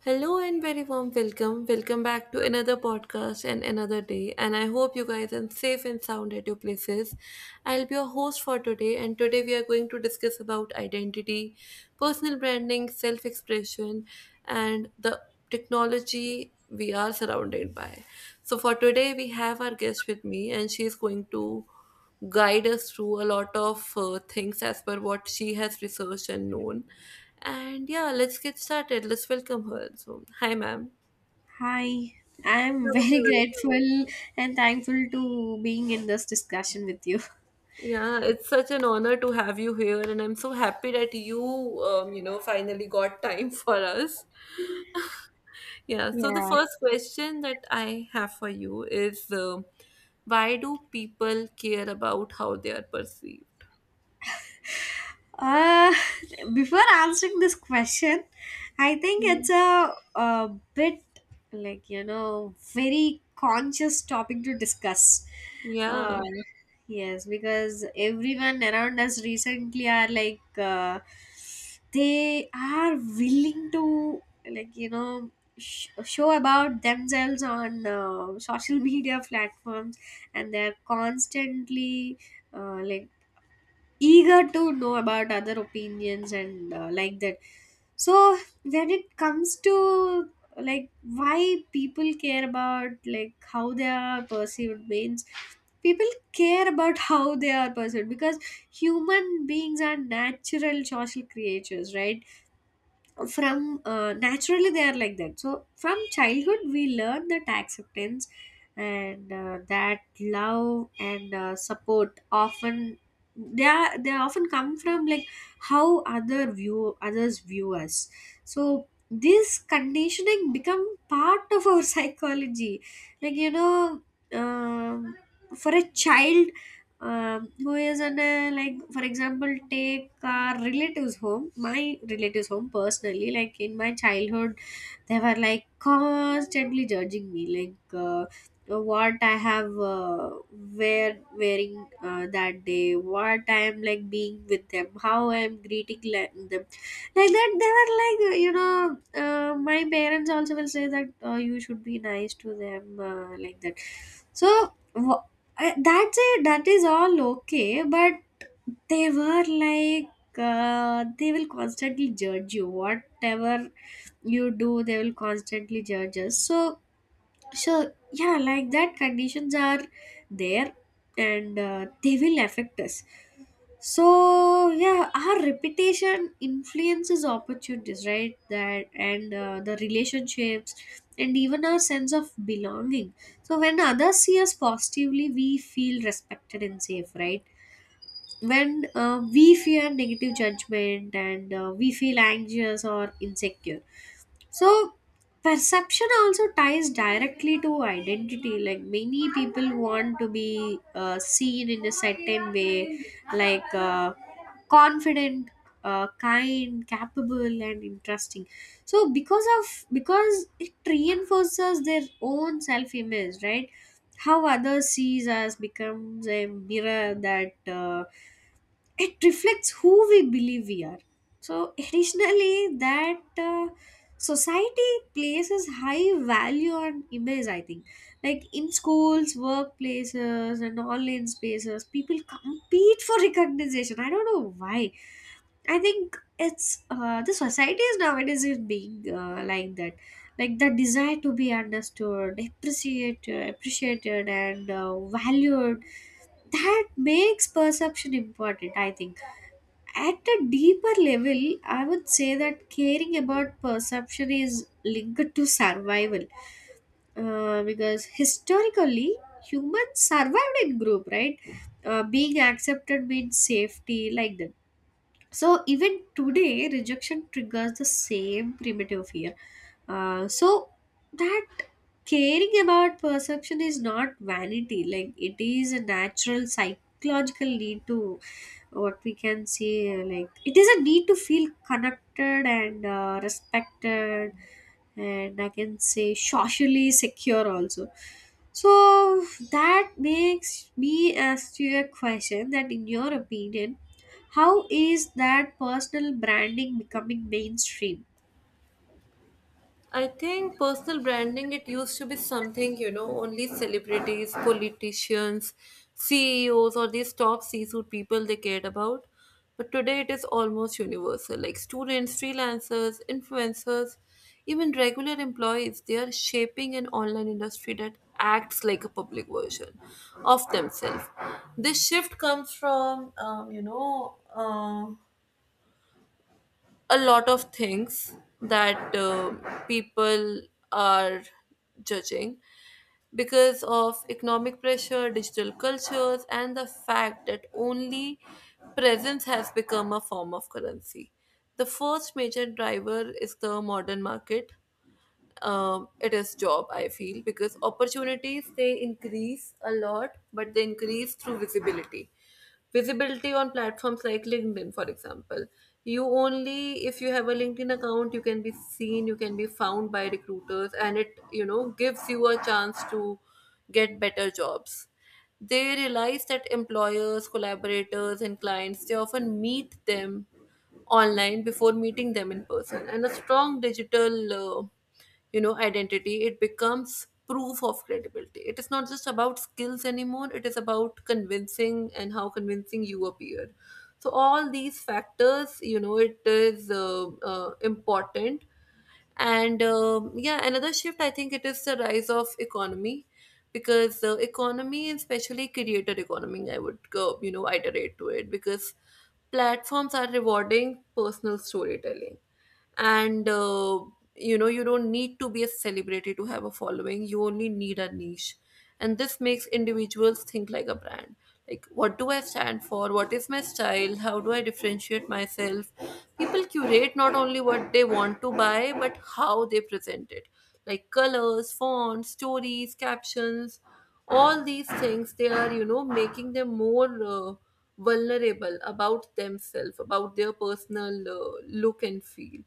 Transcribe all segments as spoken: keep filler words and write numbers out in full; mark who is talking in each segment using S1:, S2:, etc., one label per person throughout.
S1: Hello and very warm welcome. Welcome back to another podcast and another day. And I hope you guys are safe and sound at your places. I'll be your host for today. And today we are going to discuss about identity, personal branding, self expression, and the technology we are surrounded by. So for today, we have our guest with me, and she is going to guide us through a lot of uh, things as per what she has researched and known. And yeah, let's get started. Let's welcome her. So, hi, ma'am.
S2: Hi,
S1: How
S2: I'm
S1: are
S2: very
S1: you?
S2: grateful and thankful to being in this discussion with you.
S1: Yeah, it's such an honor to have you here, and I'm so happy that you, um, you know, finally got time for us. Yeah, so the
S2: Yeah,
S1: first question that I have for you is um why do people care about how they are perceived?
S2: Uh, before answering this question, I think it's
S1: Mhm.
S2: a, a bit like, you know, very conscious topic to discuss.
S1: Yeah.
S2: Uh, yes, because everyone around us recently are like, uh, they are willing to, like, you know, sh- show about themselves on uh, social media platforms, and they're constantly uh, like eager to know about other opinions, and uh, like that. So when it comes to like why people care about like how they are perceived means people care about how they are perceived because human beings are natural social creatures, right? From uh, naturally they are like that, so from childhood we learn that acceptance and uh, that love and uh, support often they are, they often come from like how other view others view us. So this conditioning become part of our psychology, like you know. um, for a child um, who is in a like, for example, take our relatives home my relatives home, personally, like in my childhood they were like constantly judging me, like uh, what I have uh, wear wearing uh, that day, what I am like being with them, how I am greeting like them, like that. They were like, you know, uh, my parents also will say that uh, you should be nice to them, uh, like that. so wh- I, that's it, that is all okay, but they were like, uh, they will constantly judge you whatever you do, they will constantly judge us. So so yeah, like that conditions are there, and uh, they will affect us. So yeah, our reputation influences opportunities, right? That, and uh, the relationships, and even our sense of belonging. So when others see us positively we feel respected and safe, right? When uh, we fear negative judgment, and uh, we feel anxious or insecure. So perception also ties directly to identity, like many people want to be uh, seen in a certain way, like uh, confident, uh, kind, capable, and interesting. So because of because it reinforces their own self image, right? How others sees us becomes a mirror that uh, it reflects who we believe we are. So additionally, that uh, society places high value on image, I think, like in schools, workplaces, and online spaces people compete for recognition. I don't know why. I think it's uh, the societies nowadays is being uh, like that, like the desire to be understood, appreciated, appreciated, and uh, valued. That makes perception important. I think at a deeper level, I would say that caring about perception is linked to survival, uh, because historically humans survived in group, right? Uh, being accepted means safety, like that. So even today, rejection triggers the same primitive fear. Uh, so that caring about perception is not vanity; like it is a natural psychological need to what we can say, uh, like it is a need to feel connected and uh, respected, and I can say socially secure also. So that makes me ask you a question that in your opinion, how is that personal branding becoming mainstream?
S1: I think personal branding, it used to be something, you know, only celebrities, politicians, C E Os, or these top C suite people they cared about. But today it is almost universal. Like students, freelancers, influencers, even regular employees, they are shaping an online industry that acts like a public version of themselves. This shift comes from, um, you know, uh, a lot of things that uh, people are judging because of economic pressure, digital cultures, and the fact that only presence has become a form of currency. The first major driver is the modern market. Um, it is job I feel, because opportunities they increase a lot, but they increase through visibility, visibility on platforms like LinkedIn, for example. You only if you have a LinkedIn account, you can be seen, you can be found by recruiters, and it, you know, gives you a chance to get better jobs. They realize that employers, collaborators, and clients, they often meet them online before meeting them in person, and a strong digital uh, you know, identity, it becomes proof of credibility. It is not just about skills anymore. It is about convincing and how convincing you appear. So all these factors, you know, it is uh, uh, important. And um, yeah, another shift, I think it is the rise of economy, because uh, economy, especially creator economy, I would go, you know, iterate to it, because platforms are rewarding personal storytelling. And uh, you know, you don't need to be a celebrity to have a following, you only need a niche. And this makes individuals think like a brand. Like, what do I stand for, what is my style, how do I differentiate myself. People curate not only what they want to buy, but how they present it, like colors, fonts, stories, captions. All these things, they are, you know, making them more uh, vulnerable about themselves, about their personal uh, look and feel,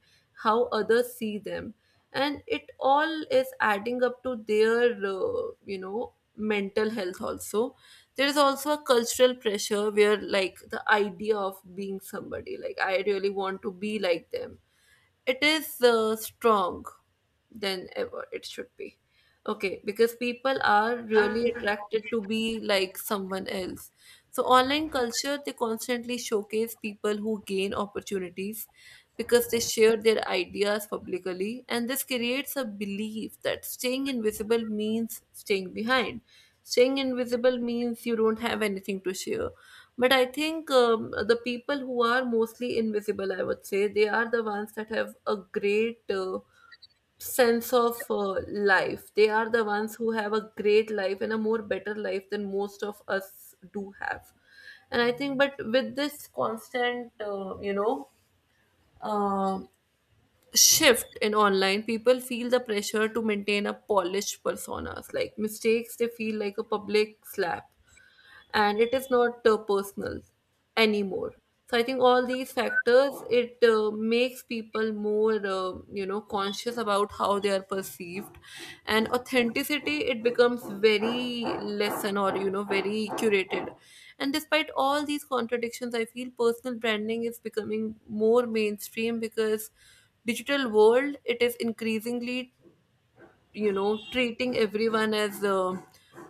S1: how others see them. And it all is adding up to their, uh, you know, mental health also. There is also a cultural pressure, where like the idea of being somebody, like I really want to be like them, it is uh, strong than ever it should be. Okay, because people are really attracted to be like someone else. So online culture, they constantly showcase people who gain opportunities because they share their ideas publicly, and this creates a belief that staying invisible means staying behind. Staying invisible means you don't have anything to share. But I think, um, the people who are mostly invisible, I would say, they are the ones that have a great uh, sense of uh, life. They are the ones who have a great life and a more better life than most of us do have. And I think, but with this constant, uh, you know, uh, shift in online, people feel the pressure to maintain a polished personas. Like mistakes, they feel like a public slap, and it is not uh, personal anymore. So I think all these factors, it uh, makes people more, uh, you know, conscious about how they are perceived. And authenticity, it becomes very lesson, or you know, very curated. And despite all these contradictions, I feel personal branding is becoming more mainstream because digital world, it is increasingly, you know, treating everyone as a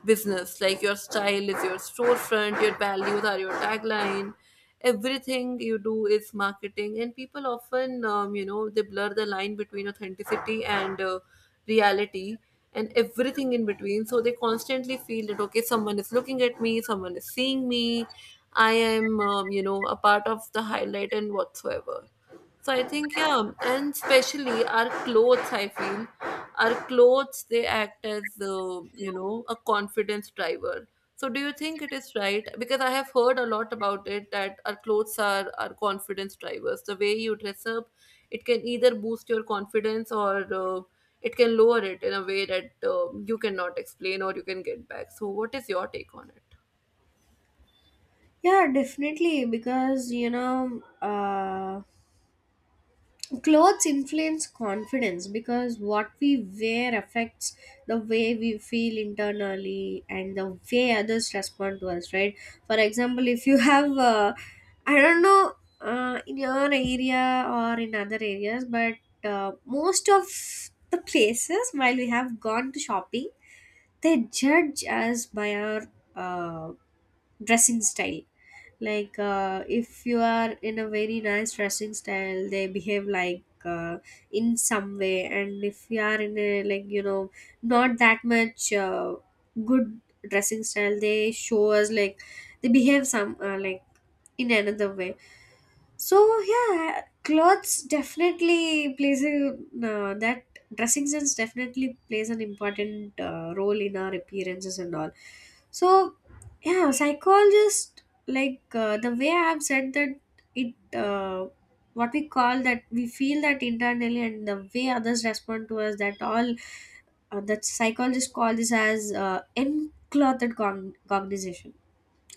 S1: business. Like your style is your storefront, your values are your tagline, everything you do is marketing. And people often, um, you know, they blur the line between authenticity and uh, reality and everything in between. So they constantly feel that, okay, someone is looking at me, someone is seeing me, I am, um, you know, a part of the highlight and whatsoever. So I think yeah, and especially our clothes. I feel our clothes, they act as uh, you know, a confidence driver. So do you think it is right? Because I have heard a lot about it, that our clothes are our confidence drivers. The way you dress up, it can either boost your confidence or uh, it can lower it in a way that uh, you cannot explain or you can get back. So what is your take on it?
S2: Yeah, definitely, because you know, uh, clothes influence confidence because what we wear affects the way we feel internally and the way others respond to us, right? For example, if you have uh, I don't know, uh, in your area or in other areas, but uh, most of the places while we have gone to shopping, they judge us by our uh, dressing style. Like uh, if you are in a very nice dressing style, they behave like uh, in some way, and if you are in a, like, you know, not that much uh, good dressing style, they show us like they behave some uh, like in another way. So yeah, clothes definitely plays a uh, that dressing sense definitely plays an important uh, role in our appearances and all. So yeah, psychologist, like uh, the way I have said that, it uh, what we call that, we feel that internally and the way others respond to us, that all uh, that psychologists call this as uh, enclothed cogn- cognization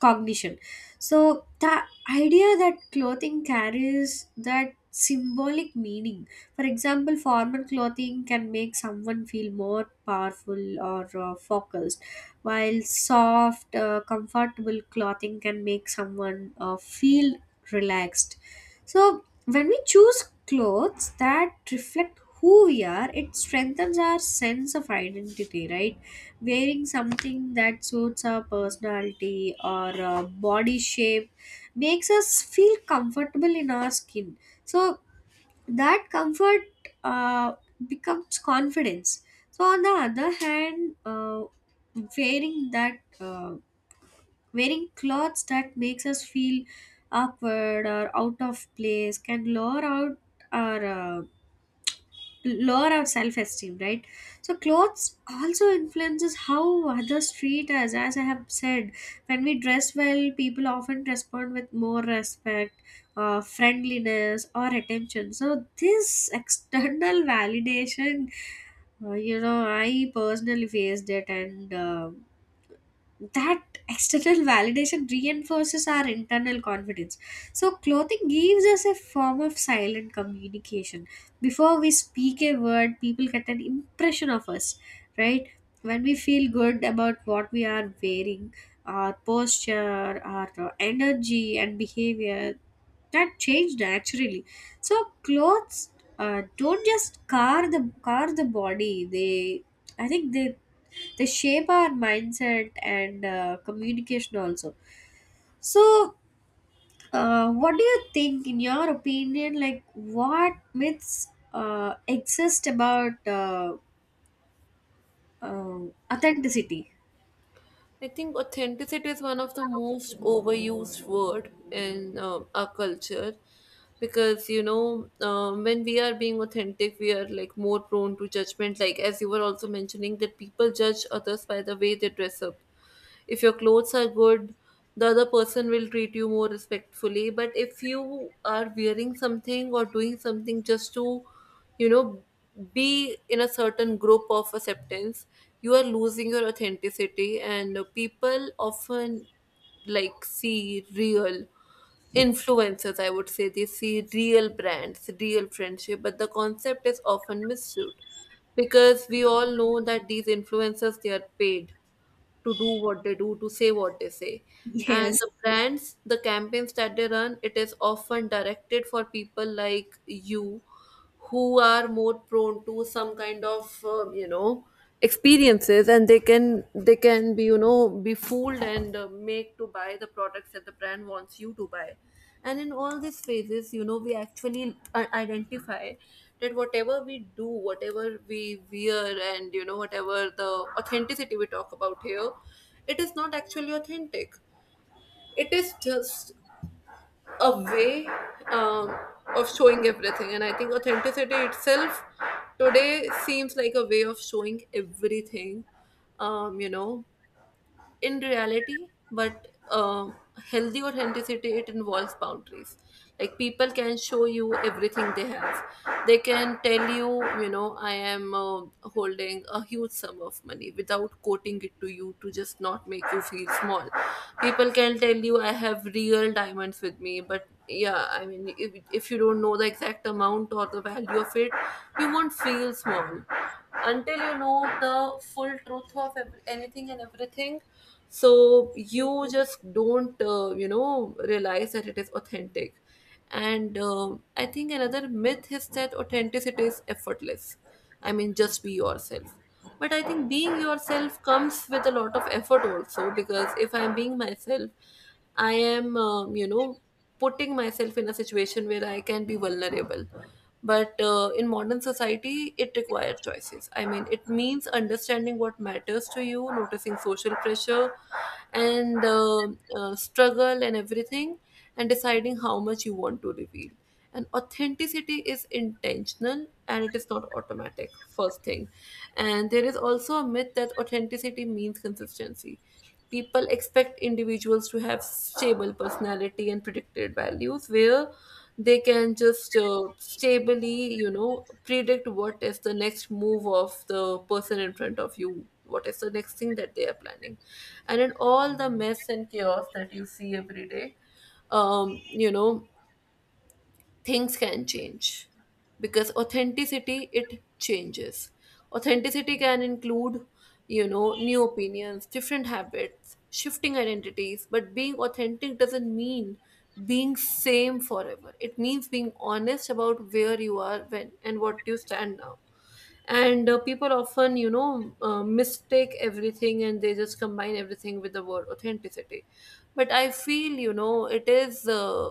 S2: cognition. So the idea that clothing carries that symbolic meaning. For example, formal clothing can make someone feel more powerful or uh, focused, while soft, uh, comfortable clothing can make someone uh, feel relaxed. So when we choose clothes that reflect who we are, it strengthens our sense of identity, right? Wearing something that suits our personality or uh, body shape makes us feel comfortable in our skin. So that comfort uh, becomes confidence. So on the other hand, uh, wearing that uh, wearing clothes that makes us feel awkward or out of place can lower out our uh, lower our self-esteem, right? So clothes also influences how others treat us, as I have said. When we dress well, people often respond with more respect, uh, friendliness, or attention. So this external validation, uh, you know, I personally faced it, and uh, that external validation reinforces our internal confidence. So, clothing gives us a form of silent communication. Before we speak a word, people get an impression of us, right? When we feel good about what we are wearing, our posture, our uh, energy, and behavior, that change naturally. So, clothes uh, don't just car the car the body. They, I think they they shape our mindset, and uh, communication also. So uh, what do you think, in your opinion, like what myths uh, exist about uh, uh, authenticity?
S1: I think authenticity is one of the most overused word in uh, our culture, because you know, um, when we are being authentic, we are like more prone to judgment, like as you were also mentioning that people judge others by the way they dress up. If your clothes are good, the other person will treat you more respectfully, but if you are wearing something or doing something just to, you know, be in a certain group of acceptance, you are losing your authenticity. And people often like see real influencers, I would say, they see real brands, real friendship, but the concept is often misused because we all know that these influencers, they are paid to do what they do, to say what they say. And
S2: Yes.
S1: the brands, the campaigns that they run, it is often directed for people like you who are more prone to some kind of, um, you know, experiences, and they can they can be, you know, be fooled and uh, make to buy the products that the brand wants you to buy. And in all these phases, you know, we actually i- identify that whatever we do, whatever we wear, and you know, whatever the authenticity we talk about here, it is not actually authentic. It is just a way um, of showing everything. And I think authenticity itself today seems like a way of showing everything, um, you know in reality. But um healthy authenticity, it involves boundaries. Like people can show you everything they have. They can tell you, you know, I am uh, holding a huge sum of money without quoting it to you, to just not make you feel small. People can tell you I have real diamonds with me, but yeah, I mean, if, if you don't know the exact amount or the value of it, you won't feel small until you know the full truth of ev- anything and everything. So you just don't, uh, you know, realize that it is authentic. And um, I think another myth is that authenticity is effortless. I mean, just be yourself. But I think being yourself comes with a lot of effort also, because if I'm being myself, I am, um, you know, putting myself in a situation where I can be vulnerable. But uh, in modern society, it requires choices. I mean, it means understanding what matters to you, noticing social pressure and uh, uh, struggle and everything, and deciding how much you want to reveal. And authenticity is intentional, and it is not automatic, first thing. And there is also a myth that authenticity means consistency. People expect individuals to have stable personality and predicted values, where they can just uh, stably, you know, predict what is the next move of the person in front of you, what is the next thing that they are planning. And in all the mess and chaos that you see every day, um, you know, things can change, because authenticity, it changes. Authenticity can include, you know, new opinions, different habits, shifting identities. But being authentic doesn't mean being same forever. It means being honest about where you are when and what you stand now. And uh, people often, you know, uh, mistake everything, and they just combine everything with the word authenticity. But I feel, you know, it is uh,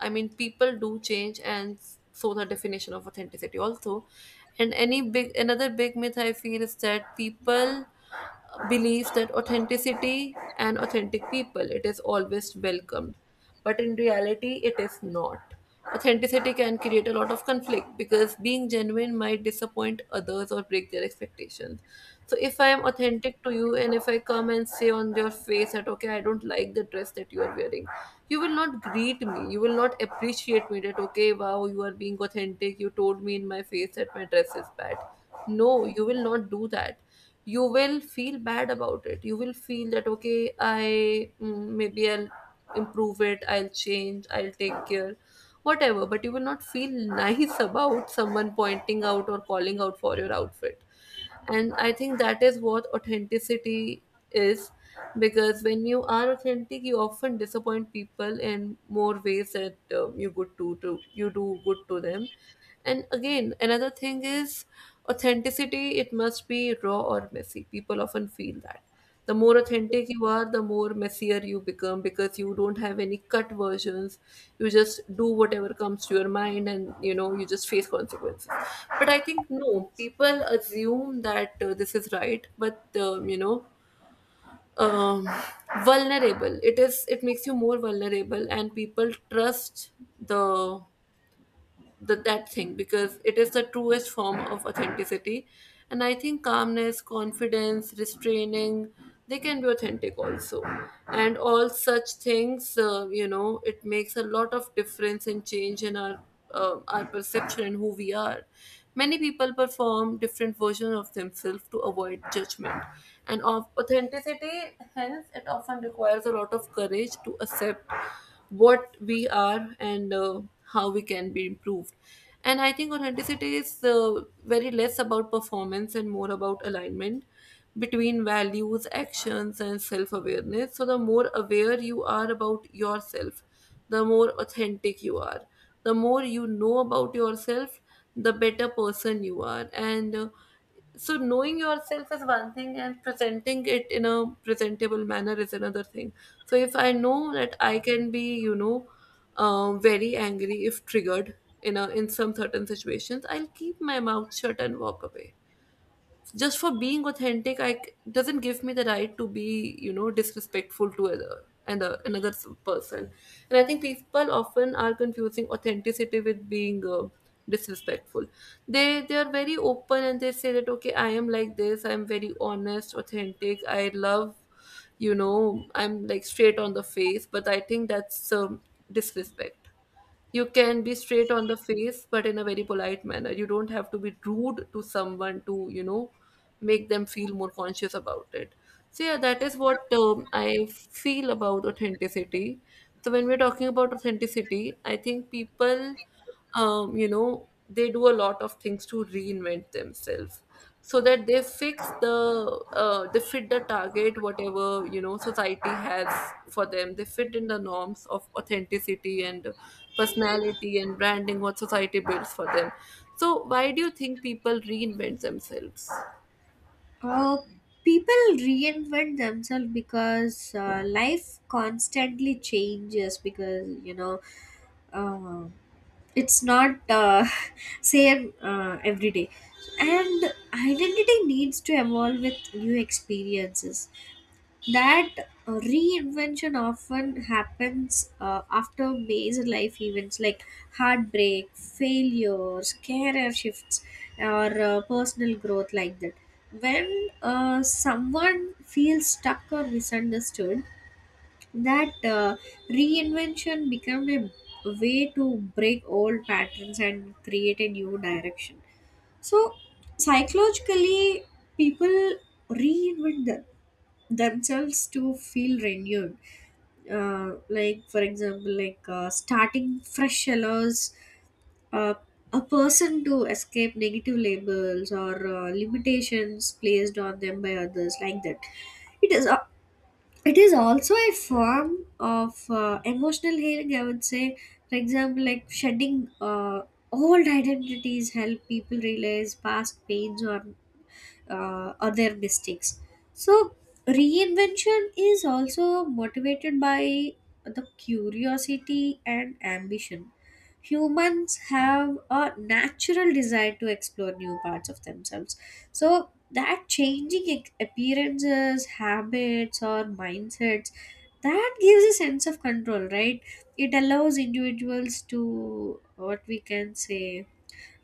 S1: I mean, people do change, and so the definition of authenticity also. And any big another big myth I feel is that people believe that authenticity and authentic people, it is always welcomed, but in reality, it is not. Authenticity can create a lot of conflict because being genuine might disappoint others or break their expectations. So if I am authentic to you, and if I come and say on your face that, okay, I don't like the dress that you are wearing, you will not greet me, you will not appreciate me that, okay, wow, you are being authentic, you Told me in my face that my dress is bad. No, you will not do that. You will feel bad about it. You will feel that okay, i mm, maybe I'll improve it, I'll change, I'll take care, whatever. But you will not feel nice about someone pointing out or calling out for your outfit. And I think that is what authenticity is, because when you are authentic you often disappoint people in more ways that uh, you good to, to you do good to them. And again, another thing is, authenticity it must be raw or messy, people often feel that. The more authentic you are, the more messier you become, because you don't have any cut versions. You just do whatever comes to your mind and you know, you just face consequences. But I think no, people assume that uh, this is right, but um, you know um, vulnerable it is, it makes you more vulnerable, and people trust the that that thing because it is the truest form of authenticity. And I think calmness, confidence, restraining, they can be authentic also. And all such things, uh, you know, it makes a lot of difference and change in our uh, our perception and who we are. Many people perform different versions of themselves to avoid judgment and of authenticity. Hence it often requires a lot of courage to accept what we are and uh, how we can be improved. And I think authenticity is uh, very less about performance and more about alignment between values, actions, and self awareness. So the more aware you are about yourself, the more authentic you are. The more you know about yourself, the better person you are. And uh, so knowing yourself is one thing and presenting it in a presentable manner is another thing. So if I know that I can be you know um, very angry if triggered, in a in some certain situations I'll keep my mouth shut and walk away. Just for being authentic, i c- doesn't give me the right to be, you know, disrespectful to other. And uh, another s- person. And I think people often are confusing authenticity with being uh, disrespectful. They they are very open and they say that okay, I am like this, I'm very honest, authentic, I love, you know, I'm like straight on the face. But I think that's um, disrespect. You can be straight on the face, but in a very polite manner. You don't have to be rude to someone to, you know, make them feel more conscious about it. So yeah, that is what um, I feel about authenticity. So when we're talking about authenticity, I think people, um, you know, they do a lot of things to reinvent themselves so that they fix the, uh, they fit the target, whatever, you know, society has for them. They fit in the norms of authenticity and personality and branding what society builds for them. So, why do you think people reinvent themselves?
S2: uh, People reinvent themselves because uh, life constantly changes, because you know, uh, it's not uh, same uh, every day, and identity needs to evolve with new experiences. That uh, reinvention often happens uh, after major life events like heartbreak, failures, career shifts, or uh, personal growth, like that. When uh, someone feels stuck or misunderstood, that uh, reinvention became a way to break old patterns and create a new direction. So psychologically, people reinvent them, themselves to feel renewed. Uh, like, for example, like uh, starting fresh allows uh, a person to escape negative labels or uh, limitations placed on them by others, like that. it is it is also a form of uh, emotional healing, I would say. For example, like shedding uh, old identities help people realize past pains, or uh, or their mistakes. So reinvention is also motivated by the curiosity and ambition. Humans have a natural desire to explore new parts of themselves, so that changing ec- appearances, habits, or mindsets, that gives a sense of control, right? It allows individuals to, what we can say,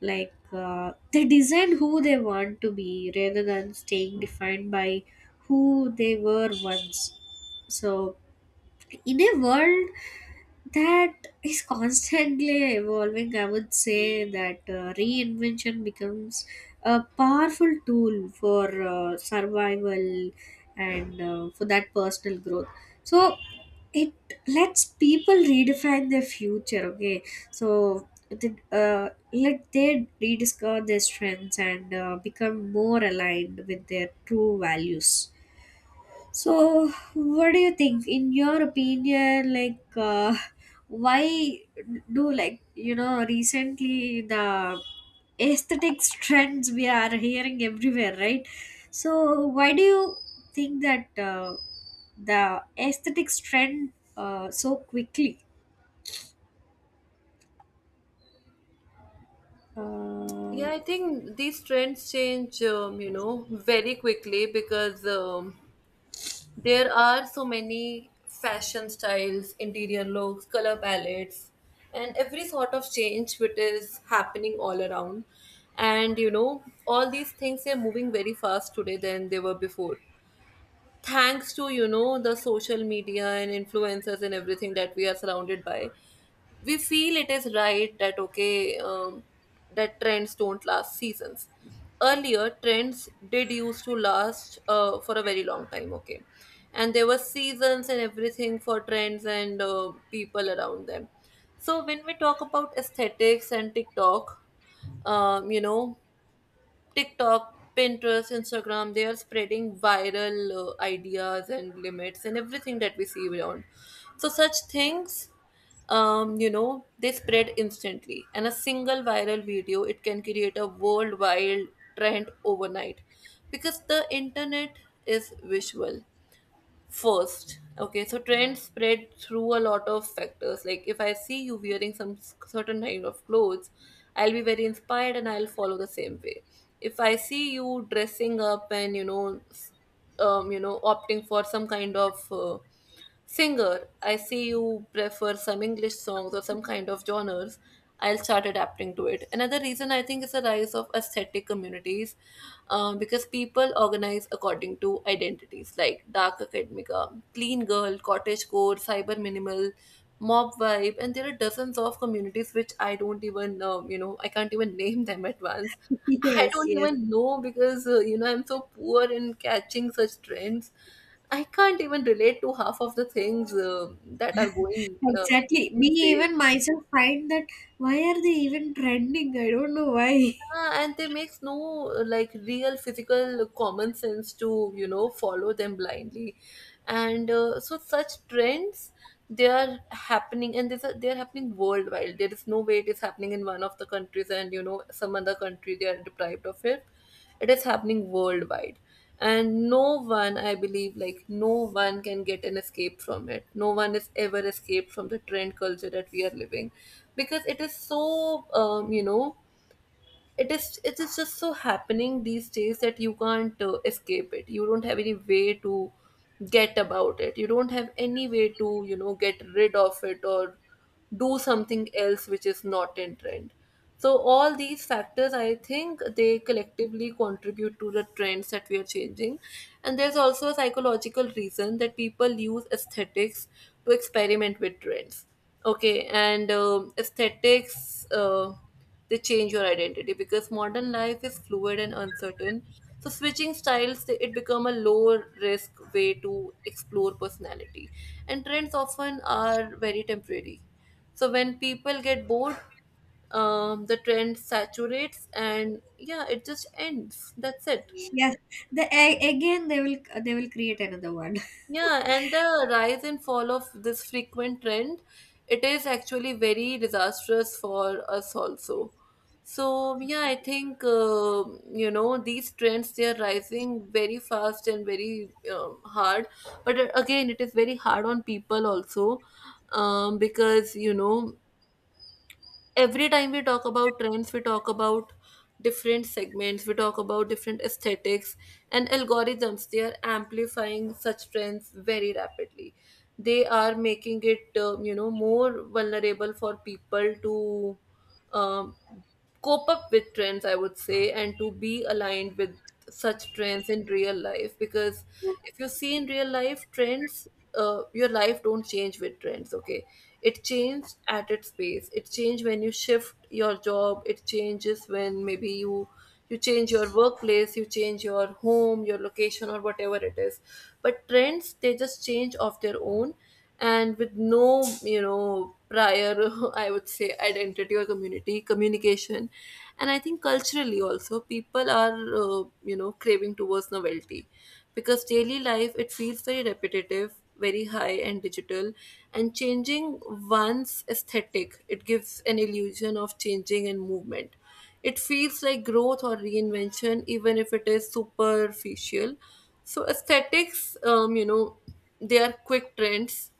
S2: like uh, they design who they want to be rather than staying defined by who they were once. So in a world that is constantly evolving, I would say that uh, reinvention becomes a powerful tool for uh, survival, and uh, for that personal growth. So it lets people redefine their future, okay? So the- uh, let they rediscover their strengths and uh, become more aligned with their true values. So, what do you think, in your opinion, like, uh, why do, like, you know, recently the aesthetics trends we are hearing everywhere, right? So, why do you think that uh, the aesthetics trend uh, so quickly? Uh,
S1: Yeah, I think these trends change, um, you know, very quickly because um, there are so many fashion styles, interior looks, color palettes, and every sort of change which is happening all around. And you know, all these things are moving very fast today than they were before, thanks to you know, the social media and influencers and everything that we are surrounded by. We feel it is right that okay, um, that trends don't last seasons. Earlier trends did used to last uh, for a very long time, okay. And there were seasons and everything for trends and uh, people around them. So when we talk about aesthetics and TikTok, um, you know TikTok, Pinterest, Instagram, they are spreading viral uh, ideas and limits and everything that we see around. So, such things, um, you know, they spread instantly. And a single viral video, it can create a worldwide trend overnight, because the internet is visual first. Okay, so trends spread through a lot of factors. Like, if I see you wearing some s- certain kind of clothes, I'll be very inspired and I'll follow the same way. If I see you dressing up and you know, s- um, you know opting for some kind of uh, singer, I see you prefer some English songs or some kind of genres, I'll start adapting to it. Another reason I think is the rise of aesthetic communities, uh, because people organize according to identities like dark academica, clean girl, cottage core, cyber minimal, mob vibe, and there are dozens of communities which I don't even, um, you know, I can't even name them at once. I
S2: yes,
S1: don't
S2: yes.
S1: even know, because, uh, you know, I'm so poor in catching such trends. I can't even relate to half of the things uh, that are going uh,
S2: Exactly. Me,
S1: these days.
S2: even myself, find that why are they even trending? I don't know why.
S1: Yeah, and they makes no like real physical common sense to, you know, follow them blindly. And uh, so such trends, they are happening. And this they are happening worldwide. There is no way it is happening in one of the countries and you know, some other country they are deprived of it. It is happening worldwide. And no one, I believe, like, no one can get an escape from it. No one is ever escaped from the trend culture that we are living, because it is so, um, you know, it is it is just so happening these days that you can't uh, escape it. You don't have any way to get about it. You don't have any way to, you know, get rid of it or do something else which is not in trend. So all these factors, I think, they collectively contribute to the trends that we are changing. And there's also a psychological reason that people use aesthetics to experiment with trends. Okay, and um aesthetics uh, they change your identity because modern life is fluid and uncertain. So switching styles, they- it become a low risk way to explore personality. And trends often are very temporary, so when people get bored, um, the trend saturates and yeah, it just ends, that's it.
S2: Yes, the a- again they will they will create another one.
S1: Yeah, and the rise and fall of this frequent trend, it is actually very disastrous for us also. So yeah, I think uh, you know, these trends they are rising very fast and very um, hard. But uh, again, it is very hard on people also, um, because you know, every time we talk about trends, we talk about different segments, we talk about different aesthetics and algorithms. They are amplifying such trends very rapidly. They are making it, uh, you know, more vulnerable for people to um, cope up with trends, I would say, and to be aligned with such trends in real life. Because if you see in real life trends, uh, your life don't change with trends. Okay, it changes at its pace. It changes when you shift your job. It changes when maybe you you change your workplace, you change your home, your location, or whatever it is. But trends, they just change of their own, and with no, you know, prior I would say, identity or community communication. And I think culturally also people are uh, you know, craving towards novelty, because daily life it feels very repetitive, very high and digital. And changing one's aesthetic, it gives an illusion of changing and movement. It feels like growth or reinvention, even if it is superficial. So, aesthetics, um, you know, they are quick trends,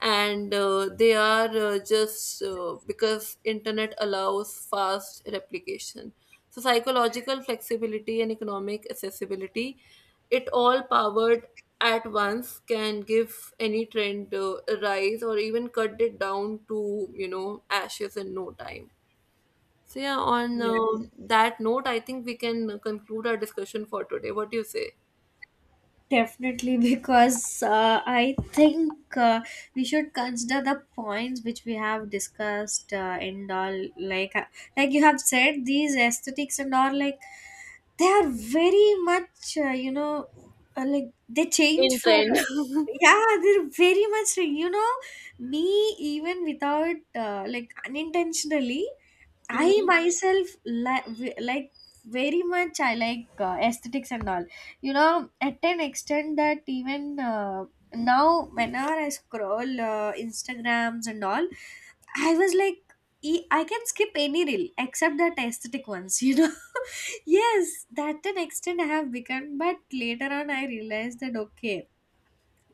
S1: and uh, they are uh, just uh, because internet allows fast replication. So psychological flexibility and economic accessibility, it all powered at once can give any trend uh, a rise, or even cut it down to, you know, ashes in no time. So yeah, on uh,
S2: Yes,
S1: that note, I think we can uh, conclude our discussion for today. What do you say?
S2: definitely, because uh, I think uh, we should consider the points which we have discussed, uh, and all. Like, uh, like you have said, these aesthetics and all, like they are very much, uh, you know, uh, like, they change
S1: In
S2: for.
S1: trend.
S2: Yeah, they're very much, you know, me even without, uh, like, unintentionally, I
S1: Hmm.
S2: myself li- v- like very much. I like uh, aesthetics and all. You know, at an extent that even, uh, now, whenever I scroll uh, Instagrams and all, I was like, e- I can skip any reel except that aesthetic ones. You know, yes, that an extent I have become. But later on, I realized that okay,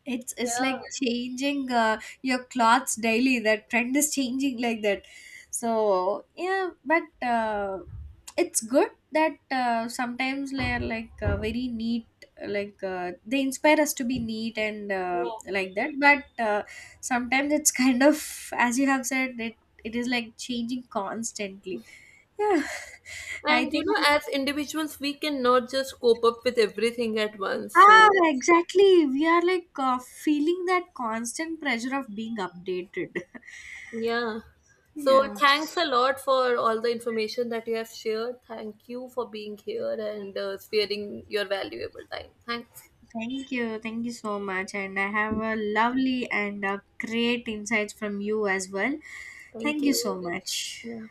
S2: it's it's like changing uh, your clothes daily. That trend is changing like that. So yeah, but uh, it's good that uh, sometimes they're like uh, very neat. Like uh, they inspire us to be neat and uh, like that. But uh, sometimes it's kind of, as you have said it, it is like changing constantly. Yeah, I
S1: And you
S2: think.
S1: know, as individuals, we cannot just cope up with everything at once.
S2: Ah,
S1: So
S2: exactly. We are like uh, feeling that constant pressure of being updated.
S1: yeah. So
S2: Yeah.
S1: thanks a lot for all the information that you have shared. Thank you for being here and uh, sparing your valuable time. Thanks.
S2: Thank you. Thank you so much. And I have a lovely and uh great insights from you as well.
S1: Thank
S2: Thank you
S1: you.
S2: so much.
S1: Yeah.